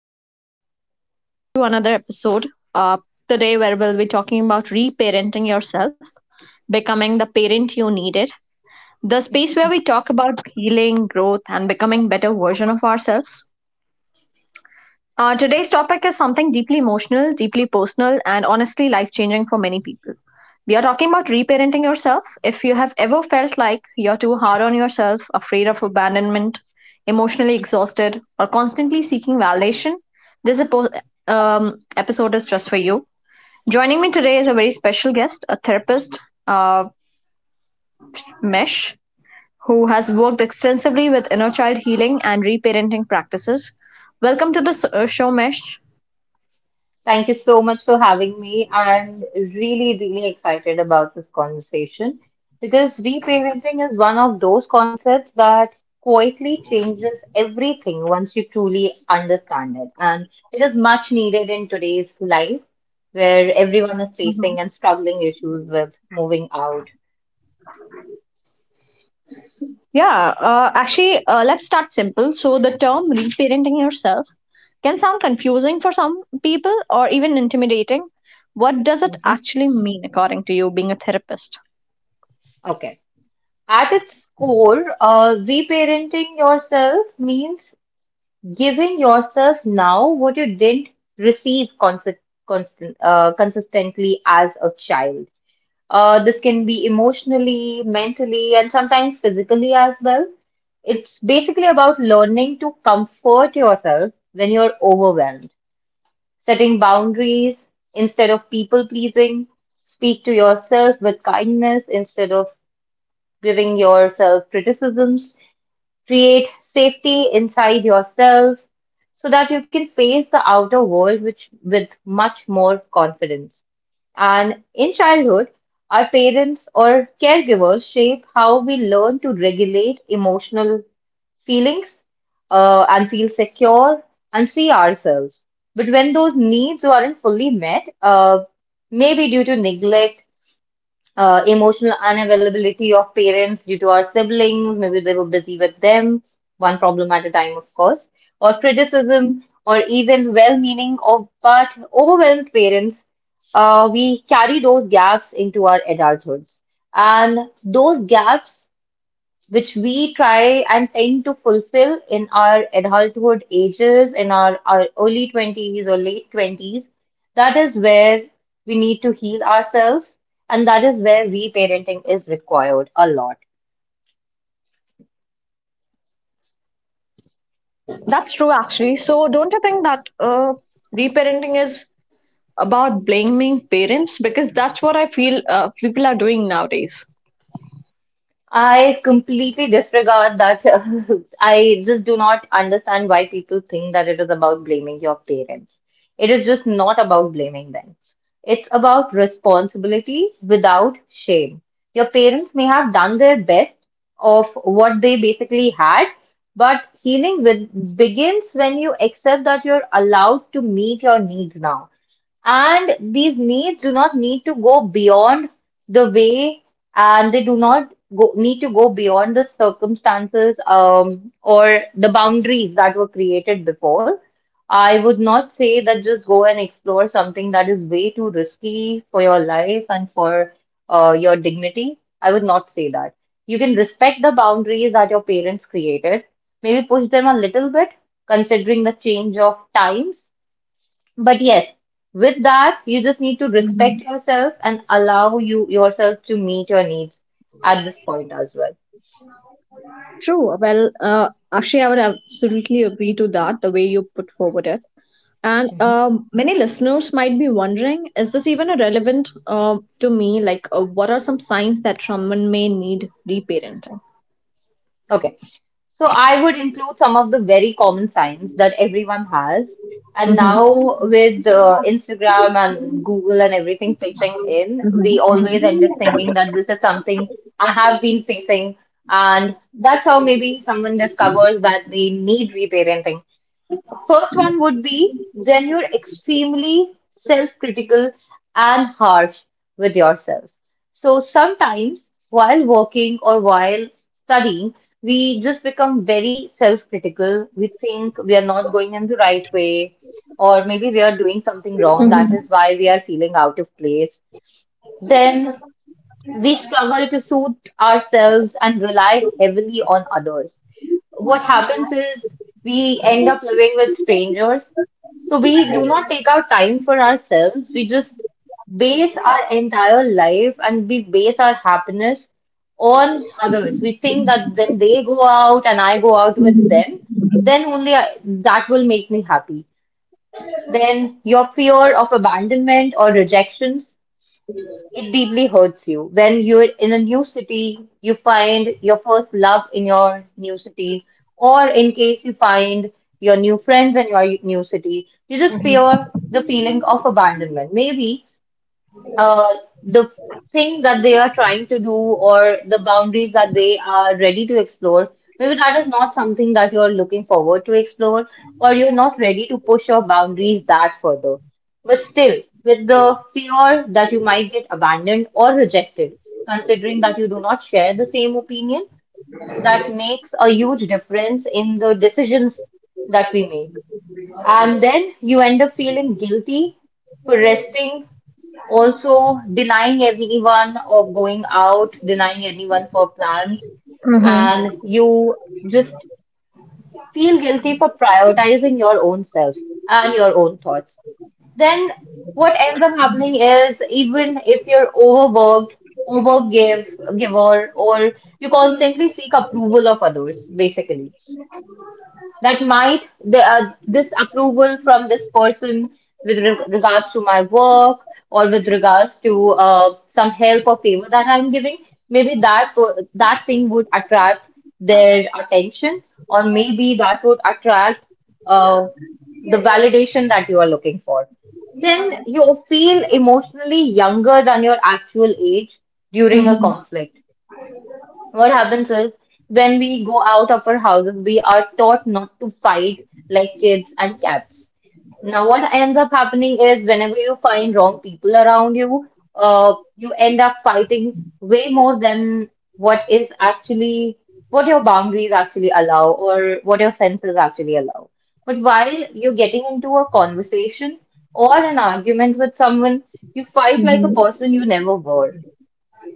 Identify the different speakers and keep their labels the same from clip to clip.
Speaker 1: everyone, and welcome back to another episode. Uh, Today, where we'll be talking about reparenting yourself, becoming the parent you needed, the space where we talk about healing, growth, and becoming better version of ourselves. Today's topic is something deeply emotional, deeply personal, and honestly life changing for many people. We are talking about reparenting yourself. If you have ever felt like you're too hard on yourself, afraid of abandonment, emotionally exhausted, or constantly seeking validation, this episode is just for you. Joining me today is a very special guest, a therapist, uh, Mesh, who has worked extensively with inner child healing and reparenting practices. Welcome to the show, Mesh.
Speaker 2: Thank you so much for having me. I'm really, really excited about this conversation because reparenting is one of those concepts that quietly changes everything once you truly understand it. And it is much needed in today's life where everyone is
Speaker 1: Mhm.
Speaker 2: facing and struggling issues with moving out.
Speaker 1: Yeah, actually, let's start simple. So, the term reparenting yourself can sound confusing for some people or even intimidating. What does it
Speaker 2: Mhm.
Speaker 1: actually mean, according to you, being a therapist?
Speaker 2: Okay. At its core, reparenting yourself means giving yourself now what you didn't receive consistently as a child. This can be emotionally, mentally, and sometimes physically as well. It's basically about learning to comfort yourself when you're overwhelmed, setting boundaries instead of people pleasing, speak to yourself with kindness instead of giving yourself criticisms. Create safety inside yourself so that you can face the outer world with much more confidence. And in childhood, our parents or caregivers shape how we learn to regulate emotional feelings, and feel secure and see ourselves. But when those needs aren't fully met, maybe due to neglect, emotional unavailability of parents due to our siblings, maybe they were busy with them, one problem at a time, of course, or criticism, or even well meaning of but overwhelmed parents, we carry those gaps into our adulthoods. And those gaps which we try and tend to fulfill in our adulthood ages, in our early 20s or late 20s, that is where we need to heal ourselves. And that is where reparenting is required a lot.
Speaker 1: That's true, actually. So, don't you think that reparenting is about blaming parents? Because that's what I feel people are doing nowadays.
Speaker 2: I completely disregard that. I just do not understand why people think that it is about blaming your parents. It is just not about blaming them. It's about responsibility without shame. Your parents may have done their best of what they basically had, but begins when you accept that you're allowed to meet your needs now. And these needs do not need to go beyond the way and they do not go, need to go beyond the circumstances or the boundaries that were created before. I would not say that just go and explore something that is way too risky for your life and for your dignity. I would not say that. You can respect the boundaries that your parents created, maybe push them a little bit, considering the change of times, but yes, with that, you just need to respect yourself and allow yourself to meet your needs at this point as well.
Speaker 1: True. Well, Akshay, I would absolutely agree to that, the way you put forward it. And
Speaker 2: Mhm.
Speaker 1: many listeners might be wondering is this even a relevant to me? Like, what are some signs that someone may need reparenting?
Speaker 2: Okay. So I would include some of the very common signs that everyone has. And
Speaker 1: Mm-hmm.
Speaker 2: now with Instagram and Google and everything pitching in, we
Speaker 1: Mm-hmm.
Speaker 2: always end up thinking that this is something I have been facing. And that's how maybe someone discovers that they need reparenting. First one would be when you're extremely self-critical and harsh with yourself. So sometimes while working or while studying, we just become very self-critical. We think we are not going in the right way, or maybe we are doing something wrong. That is why we are feeling out of place. Then we struggle to suit ourselves and rely heavily on others. What happens is we end up living with strangers. So we do not take our time for ourselves. We just base our entire life and we base our happiness on others. We think that when they go out and I go out with them, then only I, that will make me happy. Then your fear of abandonment or rejection, it deeply hurts you. When you're in a new city, you find your first love in your new city, or in case you find your new friends in your new city, you just fear the feeling of abandonment. Maybe uh, the thing that they are trying to do or the boundaries that they are ready to explore, maybe that is not something that you're looking forward to explore, or you're not ready to push your boundaries that further. But still, with the fear that you might get abandoned or rejected, considering that you do not share the same opinion, that makes a huge difference in the decisions that we make. And then you end up feeling guilty for resting, also denying everyone of going out, denying anyone for plans,
Speaker 1: Mm-hmm.
Speaker 2: and you just feel guilty for prioritizing your own self and your own thoughts. Then what ends up happening is even if you're overgive, giver, or you constantly seek approval of others, basically that might the this approval from this person with regards to my work or with regards to some help or favor that I'm giving, maybe that thing would attract their attention, or maybe that would attract uh, the validation that you are looking for. Then you feel emotionally younger than your actual age during a
Speaker 1: Mm-hmm.
Speaker 2: conflict. What happens is when we go out of our houses, we are taught not to fight like kids and cats. Now, what ends up happening is whenever you find wrong people around you, you end up fighting way more than what is actually what your boundaries actually allow or what your senses actually allow. But while you're getting into a conversation or an argument with someone, you fight like a person you never were.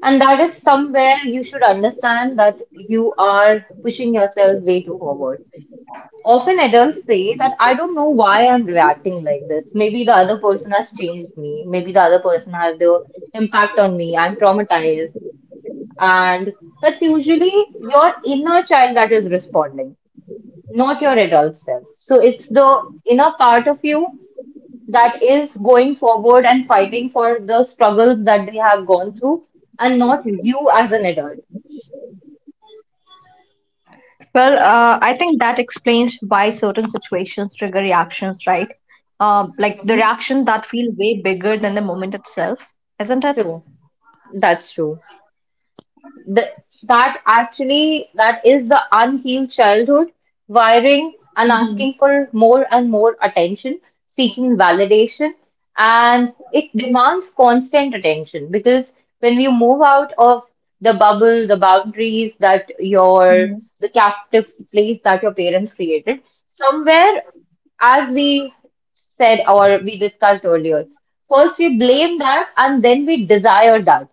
Speaker 2: And that is somewhere you should understand that you are pushing yourself way too forward. Often adults say that I don't know why I'm reacting like this. Maybe the other person has changed me. Maybe the other person has their impact on me. I'm traumatized. And that's usually your inner child that is responding, not your adult self. So it's the inner part of you that is going forward and fighting for the struggles that they have gone through and not you as an adult.
Speaker 1: Well, I think that explains why certain situations trigger reactions, right? Like the
Speaker 2: Mm-hmm.
Speaker 1: reaction that feel way bigger than the moment itself, isn't it?
Speaker 2: True, that's true. Th That actually, that is the unhealed childhood wiring and asking
Speaker 1: Mm-hmm.
Speaker 2: for more and more attention, seeking validation, and it demands constant attention because when you move out of the bubble, the boundaries that your
Speaker 1: Mm-hmm.
Speaker 2: the captive place that your parents created, somewhere, as we said or we discussed earlier, first we blame that and then we desire that,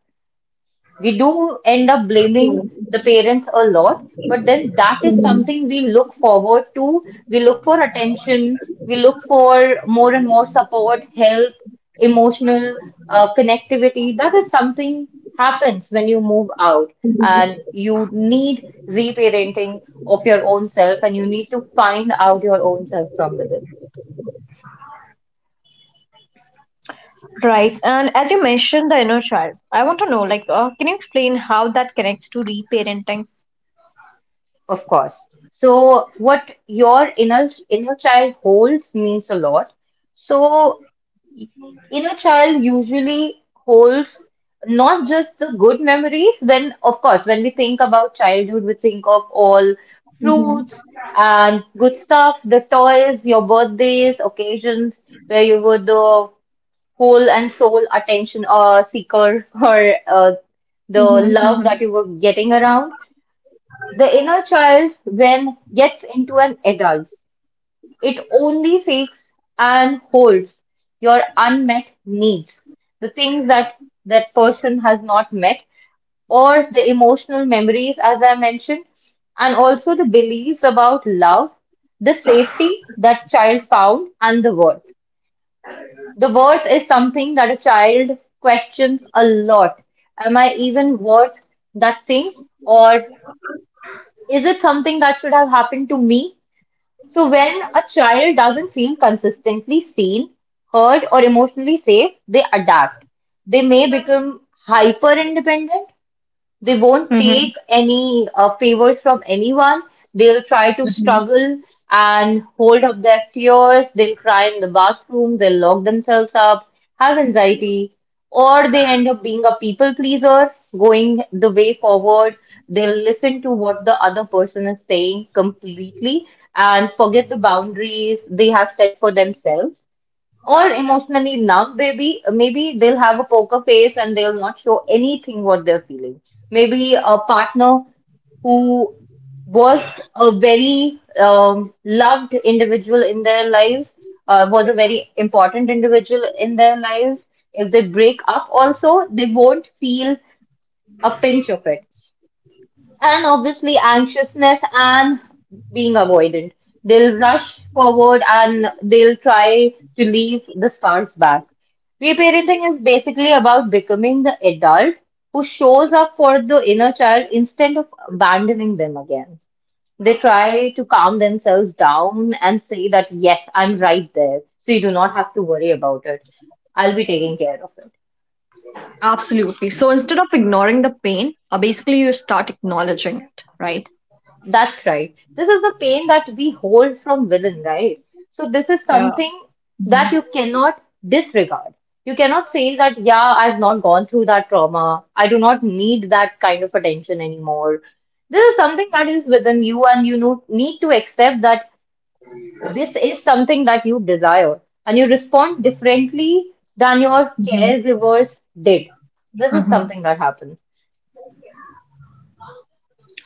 Speaker 2: we do end up blaming the parents a lot, but then that is something we look forward to. We look for attention, we look for more and more support, help, emotional connectivity. That is something happens when you move out and you need reparenting of your own self and you need to find out your own self from within,
Speaker 1: Right. And as you mentioned the inner child, I want to know, like, can you explain how that connects to reparenting?
Speaker 2: of course. So what your inner child holds means a lot. So inner child usually holds not just the good memories. When, of course, when we think about childhood, we think of all
Speaker 1: Mhm.
Speaker 2: fruits and good stuff, the toys, your birthdays, occasions where you were the whole and sole attention seeker for the
Speaker 1: Mm-hmm,
Speaker 2: love
Speaker 1: mm-hmm,
Speaker 2: that you were getting around. The inner child, when gets into an adult, it only seeks and holds your unmet needs, the things that that person has not met, or the emotional memories, as I mentioned, and also the beliefs about love, the safety that child found, and the worth. The worth is something that a child questions a lot. Am I even worth that thing? Or is it something that should have happened to me? So when a child doesn't feel consistently seen, heard, or emotionally safe, they adapt. They may become hyper independent, they won't
Speaker 1: mm-hmm.
Speaker 2: take any favors from anyone. They'll try to
Speaker 1: Mhm.
Speaker 2: struggle and hold up their tears. They'll cry in the bathroom. They'll lock themselves up, have anxiety, or they end up being a people pleaser, going the way forward. They'll listen to what the other person is saying completely and forget the boundaries they have set for themselves or emotionally numb, maybe they'll have a poker face and they'll not show anything what they're feeling. Maybe a partner who was a very loved individual in their lives, was a very important individual in their lives. If they break up, also, they won't feel a pinch of it. And obviously, anxiousness and being avoidant. They'll rush forward and they'll try to leave the scars back. Reparenting is basically about becoming the adult who shows up for the inner child instead of abandoning them again. They try to calm themselves down and say that, yes, I'm right there, so you do not have to worry about it. I'll be taking care of it.
Speaker 1: Absolutely. So instead of ignoring the pain, basically you start acknowledging it, right?
Speaker 2: That's right. This is the pain that we hold from within, right? So this is
Speaker 1: Yeah.
Speaker 2: something that
Speaker 1: Mm-hmm.
Speaker 2: you cannot disregard. You cannot say that, yeah, I've not gone through that trauma. I do not need that kind of attention anymore. This is something that is within you, and you know, need to accept that this is something that you desire, and you respond differently than your
Speaker 1: Mm-hmm.
Speaker 2: caregivers did. This is
Speaker 1: Mm-hmm.
Speaker 2: something that happens.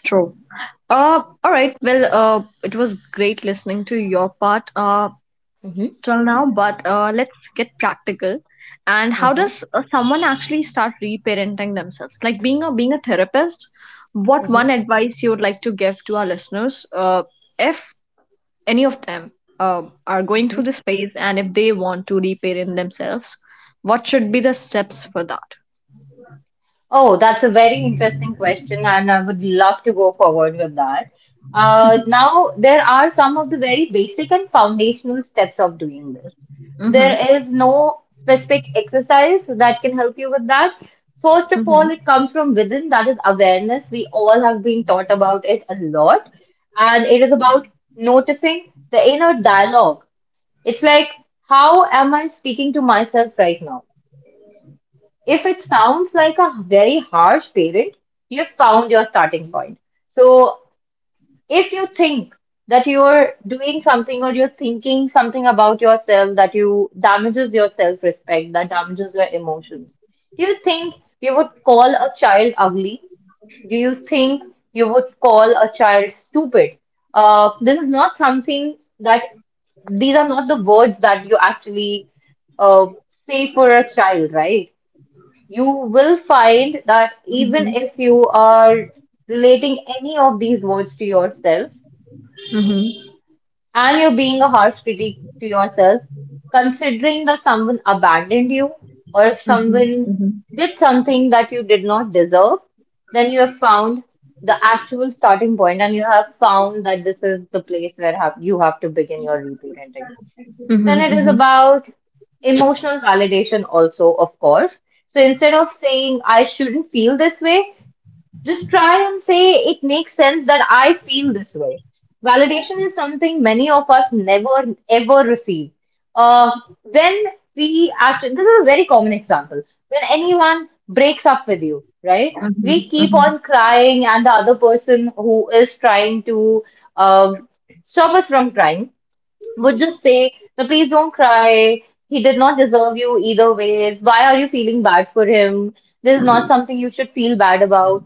Speaker 1: True. All right. Well, it was great listening to your part.
Speaker 2: hmm
Speaker 1: Till now, but let's get practical. And how
Speaker 2: hmm
Speaker 1: does someone actually start reparenting themselves? Like being a therapist, what one advice you would like to give to our listeners, if any of them are going through
Speaker 2: hmm
Speaker 1: this phase and if they want to reparent themselves, what should be the steps for that?
Speaker 2: Oh, that's a very interesting question, and I would love to go forward with that. Now, there are some of the very basic and foundational steps of doing this.
Speaker 1: Mm-hmm.
Speaker 2: There is no specific exercise that can help you with that. First of all, it
Speaker 1: Mm-hmm.
Speaker 2: comes from within, that is awareness. We all have been taught about it a lot, and it is about noticing the inner dialogue. It's like, how am I speaking to myself right now? If it sounds like a very harsh parent, you've found your starting point. So if you think that you're doing something or you're thinking something about yourself that you damages your self-respect, that damages your emotions, do you think you would call a child ugly? Do you think you would call a child stupid? This is not something that these are not the words that you actually say for a child, right? You will find that
Speaker 1: Mm-hmm.
Speaker 2: even if you are relating any of these words to yourself
Speaker 1: Mm-hmm.
Speaker 2: and you're being a harsh critic to yourself, considering that someone abandoned you or if
Speaker 1: Mm-hmm.
Speaker 2: someone
Speaker 1: Mm-hmm.
Speaker 2: did something that you did not deserve, then you have found the actual starting point and you have found that this is the place where have, you have to begin your reparenting. Then
Speaker 1: Mm-hmm.
Speaker 2: it is
Speaker 1: Mm-hmm.
Speaker 2: about emotional validation, also, of course. So instead of saying, I shouldn't feel this way, just try and say, it makes sense that I feel this way. Validation is something many of us never, ever receive. Uh, when we actually, this is a very common example. When anyone breaks up with you, right?
Speaker 1: Mm-hmm.
Speaker 2: We keep
Speaker 1: Mm-hmm.
Speaker 2: on crying, and the other person who is trying to um stop us from crying would just say, no, please don't cry. He did not deserve you either ways. Why are you feeling bad for him? This is not something you should feel bad about.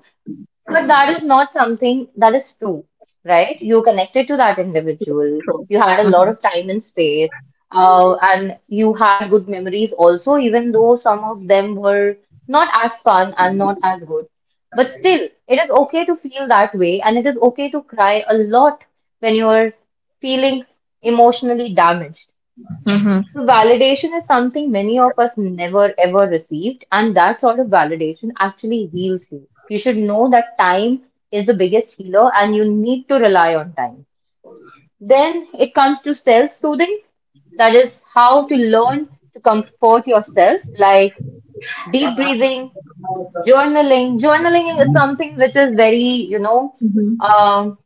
Speaker 2: But that is not something that is true, right? You connected to that individual.
Speaker 1: True.
Speaker 2: You had a lot
Speaker 1: Mm-hmm.
Speaker 2: of time and space, and you had good memories also, even though some of them were not as fun and not as good. But still, it is okay to feel that way, and it is okay to cry a lot when you are feeling emotionally damaged.
Speaker 1: Mm-hmm.
Speaker 2: So, validation is something many of us never ever received, and that sort of validation actually heals you. You should know that time is the biggest healer, and you need to rely on time. Then it comes to self soothing, that is, how to learn to comfort yourself, like deep breathing, journaling. Journaling is something which is very, you know.
Speaker 1: Mm-hmm.
Speaker 2: um,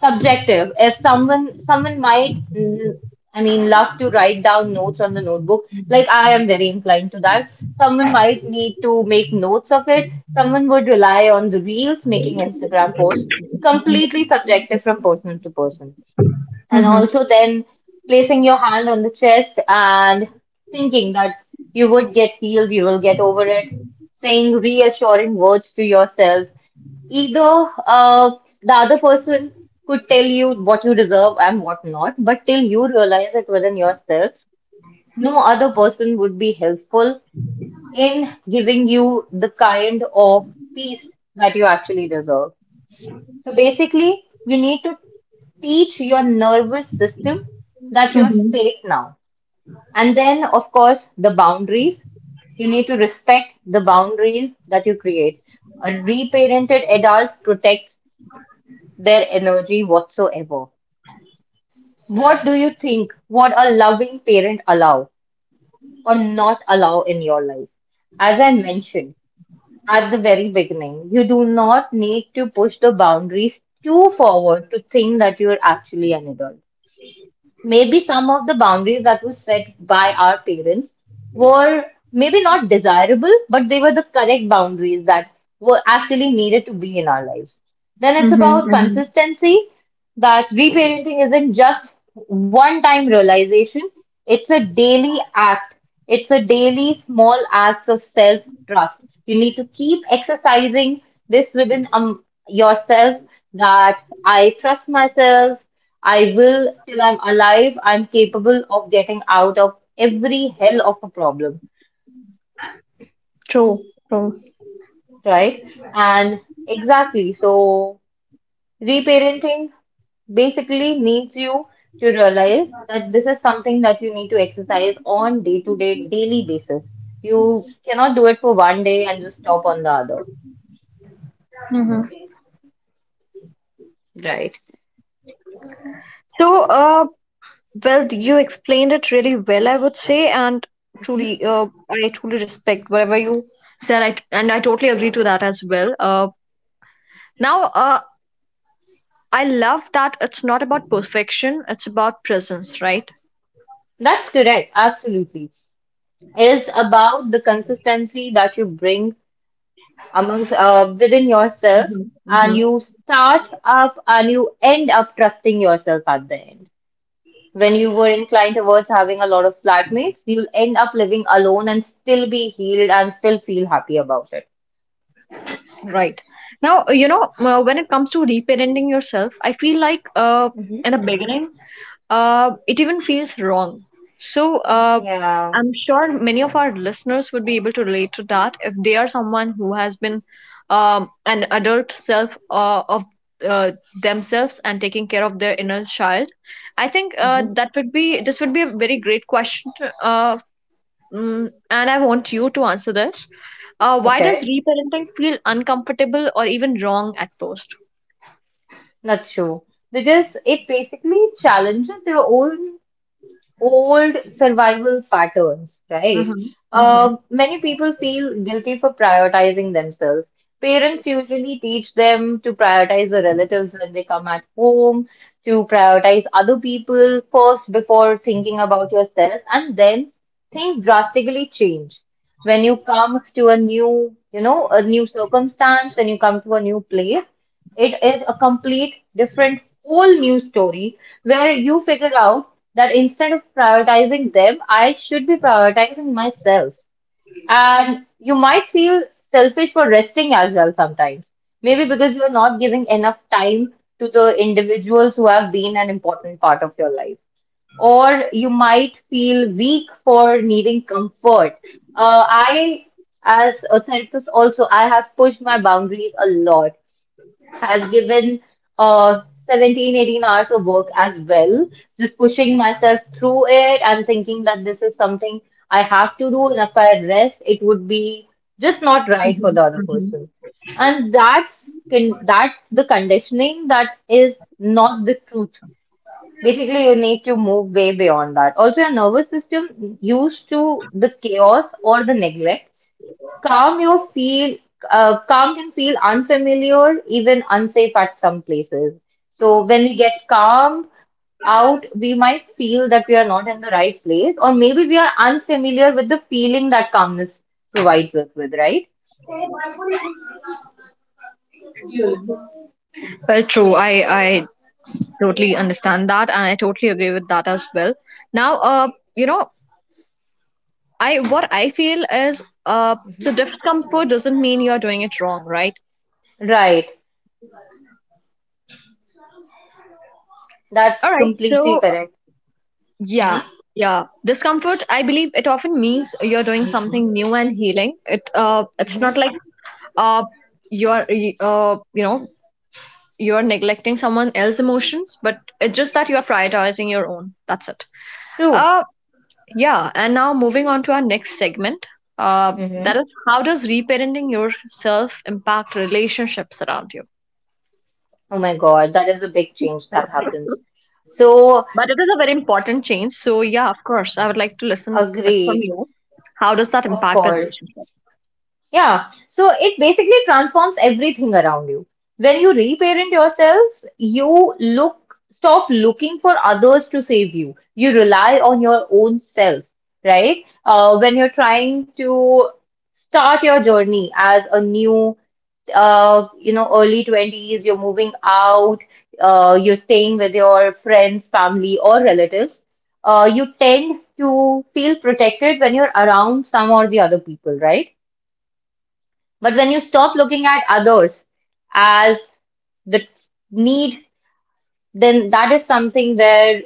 Speaker 2: Subjective as someone might I mean love to write down notes on the notebook, like I am very inclined to that. Someone might need to make notes of it, someone would rely on the reels, making Instagram posts. Completely subjective from person to person. And
Speaker 1: Mm-hmm. Mm-hmm.
Speaker 2: also then placing your hand on the chest and thinking that you would get healed, you will get over it, saying reassuring words to yourself. Either the other person could tell you what you deserve and what not, but till you realize it within yourself, no other person would be helpful in giving you the kind of peace that you actually deserve. So basically, you need to teach your nervous system that you're
Speaker 1: Mm-hmm.
Speaker 2: safe now. And then, of course, the boundaries. You need to respect the boundaries that you create. A reparented adult protects their energy whatsoever. What do you think? What a loving parent allow or not allow in your life? As I mentioned at the very beginning, you do not need to push the boundaries too forward to think that you're actually an adult. Maybe some of the boundaries that were set by our parents were maybe not desirable, but they were the correct boundaries that were actually needed to be in our lives. Then it's
Speaker 1: Mm-hmm.
Speaker 2: about
Speaker 1: Mm-hmm.
Speaker 2: consistency, that reparenting isn't just one time realization, it's a daily act. It's a daily small acts of self trust. You need to keep exercising this within yourself, that I trust myself. I will, till I'm alive, I'm capable of getting out of every hell of a problem,
Speaker 1: True, true.
Speaker 2: right? And exactly, so reparenting basically needs you to realize that this is something that you need to exercise on day to day, daily basis. You cannot do it for one day and just stop on the other,
Speaker 1: Hmm.
Speaker 2: right?
Speaker 1: So, well, you explained it really well, I would say, and
Speaker 2: Mhm.
Speaker 1: truly, I truly respect whatever you said, and I totally agree to that as well. Now, I love that it's not about perfection; it's about presence, right?
Speaker 2: That's correct, absolutely. It is about the consistency that you bring amongst within yourself,
Speaker 1: Hmm.
Speaker 2: and you start up and you end up trusting yourself at the end. When you were inclined towards having a lot of flatmates, you'll end up living alone and still be healed and still feel happy about it.
Speaker 1: Right. Now, when it comes to reparenting yourself, I feel like
Speaker 2: Hmm.
Speaker 1: in the beginning, it even feels wrong. So,
Speaker 2: Yeah.
Speaker 1: I'm sure many of our listeners would be able to relate to that if they are someone who has been an adult self of uh, themselves and taking care of their inner child. I think
Speaker 2: Hmm.
Speaker 1: that would be this would be a very great question, uh, and I want you to answer this. Why does
Speaker 2: Okay.
Speaker 1: reparenting feel uncomfortable or even wrong at first?
Speaker 2: That's true. Because it basically challenges your own old survival patterns, right?
Speaker 1: Mm-hmm. Mm-hmm.
Speaker 2: Many people feel guilty for prioritizing themselves. Parents usually teach them to prioritize the relatives when they come at home, to prioritize other people first before thinking about yourself, and then things drastically change. When you come to a new, you know, a new circumstance, when you come to a new place, it is a complete different whole new story where you figure out that instead of prioritizing them, I should be prioritizing myself. And you might feel selfish for resting as well sometimes. Maybe because you're not giving enough time to the individuals who have been an important part of your life. Or you might feel weak for needing comfort. Uh, I, as a therapist, also, I have pushed my boundaries a lot. I've given uh 17, 18 hours of work as well, just pushing myself through it and thinking that this is something I have to do, and if I rest, it would be just not right for the other person. And that's con that's the conditioning that is not the truth. Basically, you need to move way beyond that. Also, your nervous system used to this chaos or the neglect. Calm you feel Calm can feel unfamiliar, even unsafe at some places. So when we get calm out, we might feel that we are not in the right place, or maybe we are unfamiliar with the feeling that calmness provides us with, right?
Speaker 1: Well, true. I totally understand that, and I totally agree with that as well. Now, you know, I what I feel is, so discomfort doesn't mean you're doing it wrong, right?
Speaker 2: Right. That's
Speaker 1: All right.
Speaker 2: completely
Speaker 1: So,
Speaker 2: correct.
Speaker 1: yeah,
Speaker 2: Hmm.
Speaker 1: yeah. Discomfort, I believe it often means you're doing something new and healing. It's
Speaker 2: Hmm.
Speaker 1: not like uh you're you know you're neglecting someone else's emotions, but it's just that you're prioritizing your own. That's it.
Speaker 2: True.
Speaker 1: Uh yeah, and now moving on to our next segment.
Speaker 2: Hmm.
Speaker 1: That is, how does reparenting yourself impact relationships around you?
Speaker 2: Oh my God, that is a big change that happens. So
Speaker 1: But it is a very important change. So yeah, of course, I would like to listen it from
Speaker 2: agreed,
Speaker 1: you. How does that
Speaker 2: of
Speaker 1: impact the
Speaker 2: course.
Speaker 1: relationship?
Speaker 2: Yeah, so it basically transforms everything around you. When you reparent yourselves, you look stop looking for others to save you. You rely on your own self, right? When you're trying to start your journey as a new, you know, early 20s, you're moving out, you're staying with your friends, family, or relatives, you tend to feel protected when you're around some or the other people, right? But when you stop looking at others as the need, then that is something where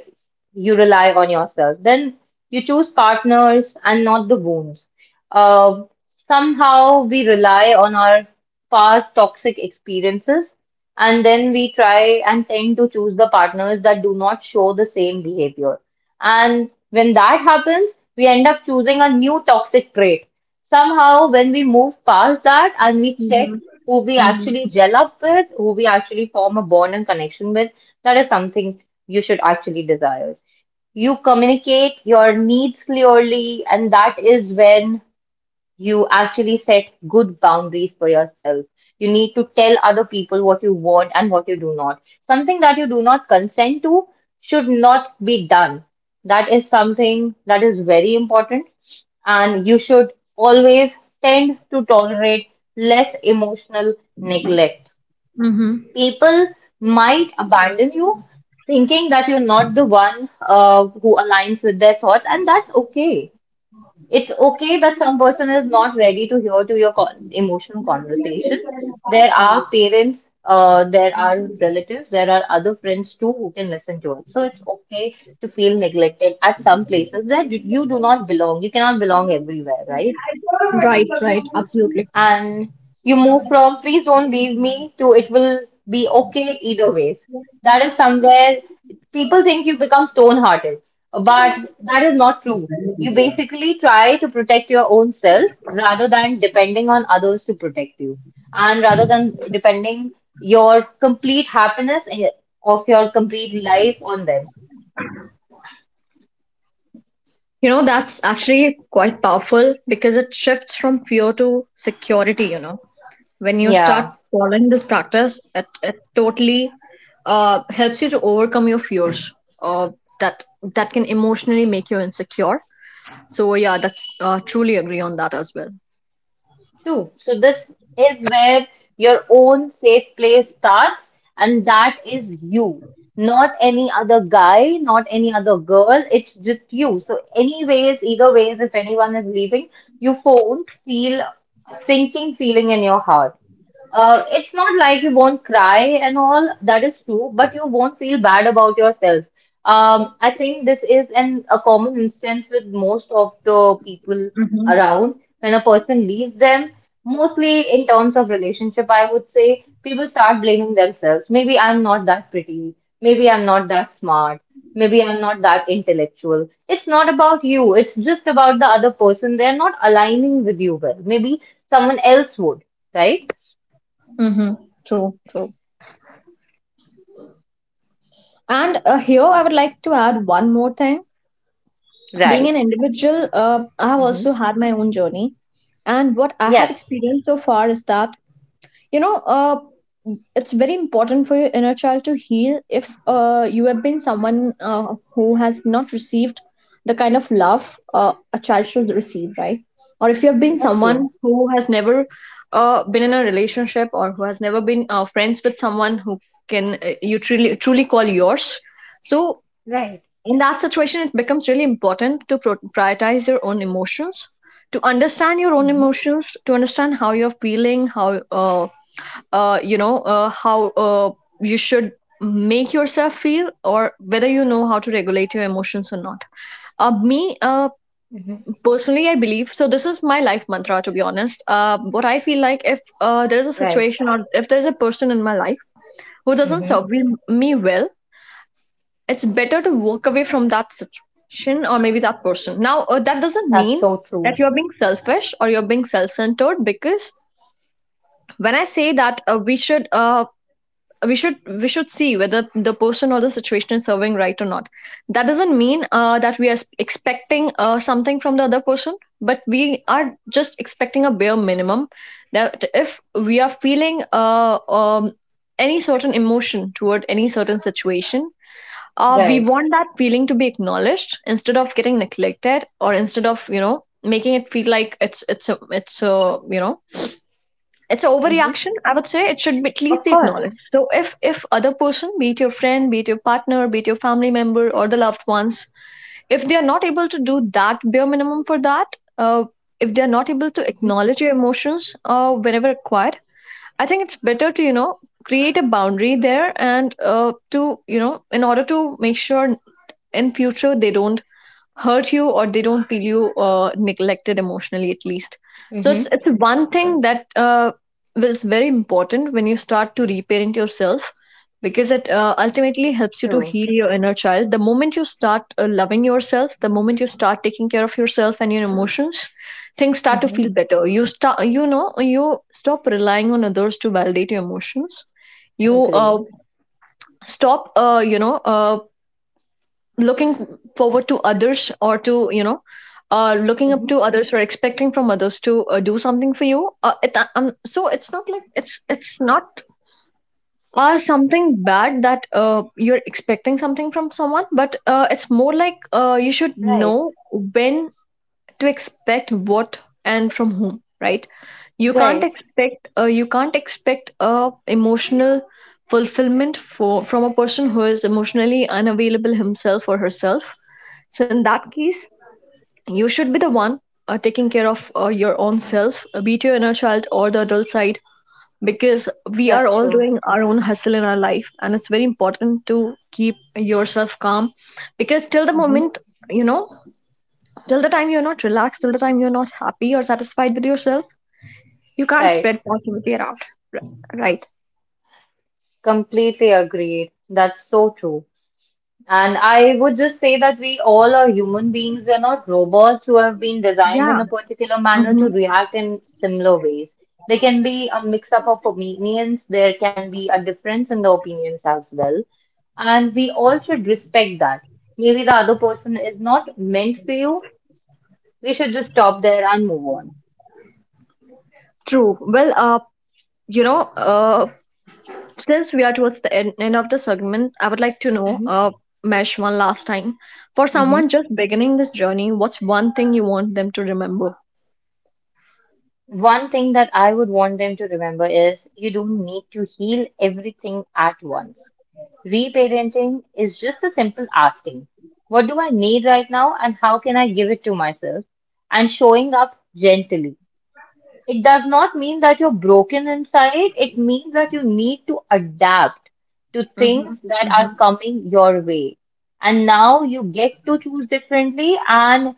Speaker 2: you rely on yourself. Then you choose partners and not the wounds. Uh, somehow we rely on our past toxic experiences and then we try and tend to choose the partners that do not show the same behavior. And when that happens, we end up choosing a new toxic trait. Somehow, when we move past that and we check
Speaker 1: Mhm.
Speaker 2: who we
Speaker 1: Mhm.
Speaker 2: actually gel up with, who we actually form a bond and connection with, that is something you should actually desire. You communicate your needs clearly, and that is when you actually set good boundaries for yourself. You need to tell other people what you want and what you do not. Something that you do not consent to should not be done. That is something that is very important, and you should always tend to tolerate less emotional neglect.
Speaker 1: Mhm.
Speaker 2: People might abandon you thinking that you're not the one who aligns with their thoughts, and that's okay. It's okay that some person is not ready to hear to your emotional conversation. There are parents, there are relatives, there are other friends too who can listen to it, so it's okay to feel neglected at some places where you do not belong. You cannot belong everywhere, right?
Speaker 1: Right, right, absolutely.
Speaker 2: And you move from please don't leave me, to it will be okay either ways. That is somewhere people think you become stone hearted, but that is not true. You basically try to protect your own self rather than depending on others to protect you, and rather than depending your complete happiness of your complete life on them.
Speaker 1: You know, that's actually quite powerful because it shifts from fear to security. When you start
Speaker 2: Yeah.
Speaker 1: following this practice, it totally helps you to overcome your fears, uh, that that can emotionally make you insecure. So yeah, that's truly agree on that as well.
Speaker 2: True. So this is where your own safe place starts, and that is you. Not any other guy, not any other girl. It's just you. So anyways, either ways, if anyone is leaving, you won't feel a sinking feeling in your heart. It's not like you won't cry and all, that is true, but you won't feel bad about yourself. I think this is an a common instance with most of the people around when a person leaves them, mostly in terms of relationship, I would say people start blaming themselves. Maybe I'm not that pretty. Maybe I'm not that smart. Maybe I'm not that intellectual. It's not about you. It's just about the other person. They're not aligning with you well. Maybe someone else would, right?
Speaker 1: Mm-hmm. True, true. And here I would like to add one more thing. Being
Speaker 2: Right.
Speaker 1: an individual, I have
Speaker 2: Hmm.
Speaker 1: also had my own journey. And what I have
Speaker 2: Yes,
Speaker 1: experienced so far is that, you know, uh, it's very important for your inner child to heal if you have been someone who has not received the kind of love a child should receive, right? Or if you have been
Speaker 2: that's true.
Speaker 1: someone who has never been in a relationship or who has never been friends with someone who can you truly truly call yours. So
Speaker 2: Right.
Speaker 1: in that situation it becomes really important to prioritize your own emotions, to understand your own
Speaker 2: Hmm.
Speaker 1: emotions, to understand how you're feeling, uh, how uh, you should make yourself feel, or whether you know how to regulate your emotions or not. uh, me uh,
Speaker 2: Hmm.
Speaker 1: personally I believe, so this is my life mantra, to be honest. What I feel like, if there's a
Speaker 2: Right.
Speaker 1: situation or if there's a person in my life who doesn't
Speaker 2: Hmm.
Speaker 1: serve me well, it's better to walk away from that situation, or maybe that person. Now, that doesn't
Speaker 2: That's
Speaker 1: mean
Speaker 2: so
Speaker 1: that
Speaker 2: true.
Speaker 1: you're being selfish or you're being self-centered, because when I say that we should see whether the person or the situation is serving right or not. That doesn't mean that we are expecting something from the other person, but we are just expecting a bare minimum that if we are feeling any certain emotion toward any certain situation, we
Speaker 2: Right.
Speaker 1: want that feeling to be acknowledged instead of getting neglected, or instead of making it feel like it's a you know it's an
Speaker 2: Hmm.
Speaker 1: overreaction. I would say it should be, at least
Speaker 2: Of
Speaker 1: be
Speaker 2: course.
Speaker 1: acknowledged. So if other person, be it your friend, be it your partner, be it your family member or the loved ones, if they are not able to do that bare minimum for that, uh, if they are not able to
Speaker 2: Hmm.
Speaker 1: acknowledge your emotions whenever required, I think it's better to create a boundary there, and to in order to make sure in future they don't hurt you or they don't feel you neglected emotionally at least. So it's
Speaker 2: Hmm.
Speaker 1: it's one thing that is very important when you start to reparent yourself, because it ultimately helps you to
Speaker 2: True.
Speaker 1: heal your inner child. The moment you start loving yourself, the moment you start taking care of yourself and your emotions, things start to feel better. You start you know you stop relying on others to validate your emotions. You
Speaker 2: Great.
Speaker 1: stop looking forward to others, or to looking up
Speaker 2: Hmm.
Speaker 1: to others, or expecting from others to do something for you, so it's not like it's not something bad that you're expecting something from someone, but it's more like you should
Speaker 2: Right.
Speaker 1: know when to expect what and from whom, right? You can't
Speaker 2: Great.
Speaker 1: expect uh, you can't expect a emotional fulfillment for from a person who is emotionally unavailable himself or herself. So in that case you should be the one taking care of your own self, be it your inner child or the adult side, because we are
Speaker 2: That's
Speaker 1: all
Speaker 2: true.
Speaker 1: doing our own hustle in our life, and it's very important to keep yourself calm, because
Speaker 2: Hmm.
Speaker 1: you know Till the time you're not relaxed, till the time you're not happy or satisfied with yourself, you can't
Speaker 2: Right.
Speaker 1: spread positivity around. Right.
Speaker 2: Completely agreed. That's so true. And I would just say that we all are human beings. We're not robots who have been designed in
Speaker 1: Yeah.
Speaker 2: a particular manner
Speaker 1: Mm-hmm.
Speaker 2: to react in similar ways. There can be a mix up of opinions, there can be a difference in the opinions as well. And we all should respect that. Maybe the other person is not meant for you. We should just stop there and move on.
Speaker 1: True. Well, you know, uh, since we are towards the end of the segment, I would like to know,
Speaker 2: Hmm.
Speaker 1: Mesh, one last time. For
Speaker 2: Hmm.
Speaker 1: someone just beginning this journey, what's one thing you want them to remember?
Speaker 2: One thing that I would want them to remember is, you don't need to heal everything at once. Reparenting is just a simple asking, what do I need right now and how can I give it to myself? And showing up gently. It does not mean that you're broken inside. It means that you need to adapt to
Speaker 1: Mm-hmm.
Speaker 2: things that are
Speaker 1: Mm-hmm.
Speaker 2: coming your way. And now you get to choose differently. And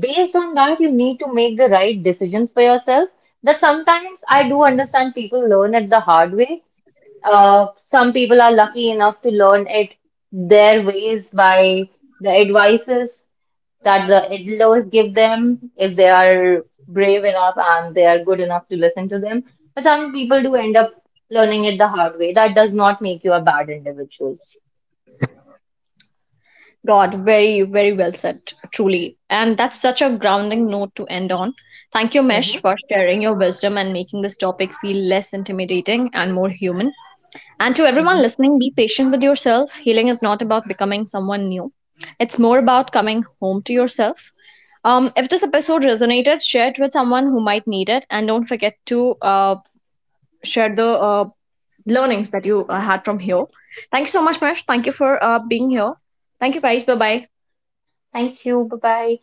Speaker 2: based on that, you need to make the right decisions for yourself. That sometimes I do understand people learn it the hard way. Some people are lucky enough to learn it their ways by the advices that the elders give them if they are brave enough and they are good enough to listen to them. But some people do end up learning it the hard way. That does not make you a bad individual.
Speaker 1: God, very, very well said, truly. And that's such a grounding note to end on. Thank you, Mesh,
Speaker 2: Mm-hmm.
Speaker 1: for sharing your wisdom and making this topic feel less intimidating and more human. And to everyone
Speaker 2: Mm-hmm.
Speaker 1: listening, be patient with yourself. Healing is not about becoming someone new, it's more about coming home to yourself. If this episode resonated, share it with someone who might need it. And don't forget to share the learnings that you had from here. Thank you so much, Mesh. Thank you for being here. Thank you, guys. Bye bye.
Speaker 2: Thank you. Bye bye.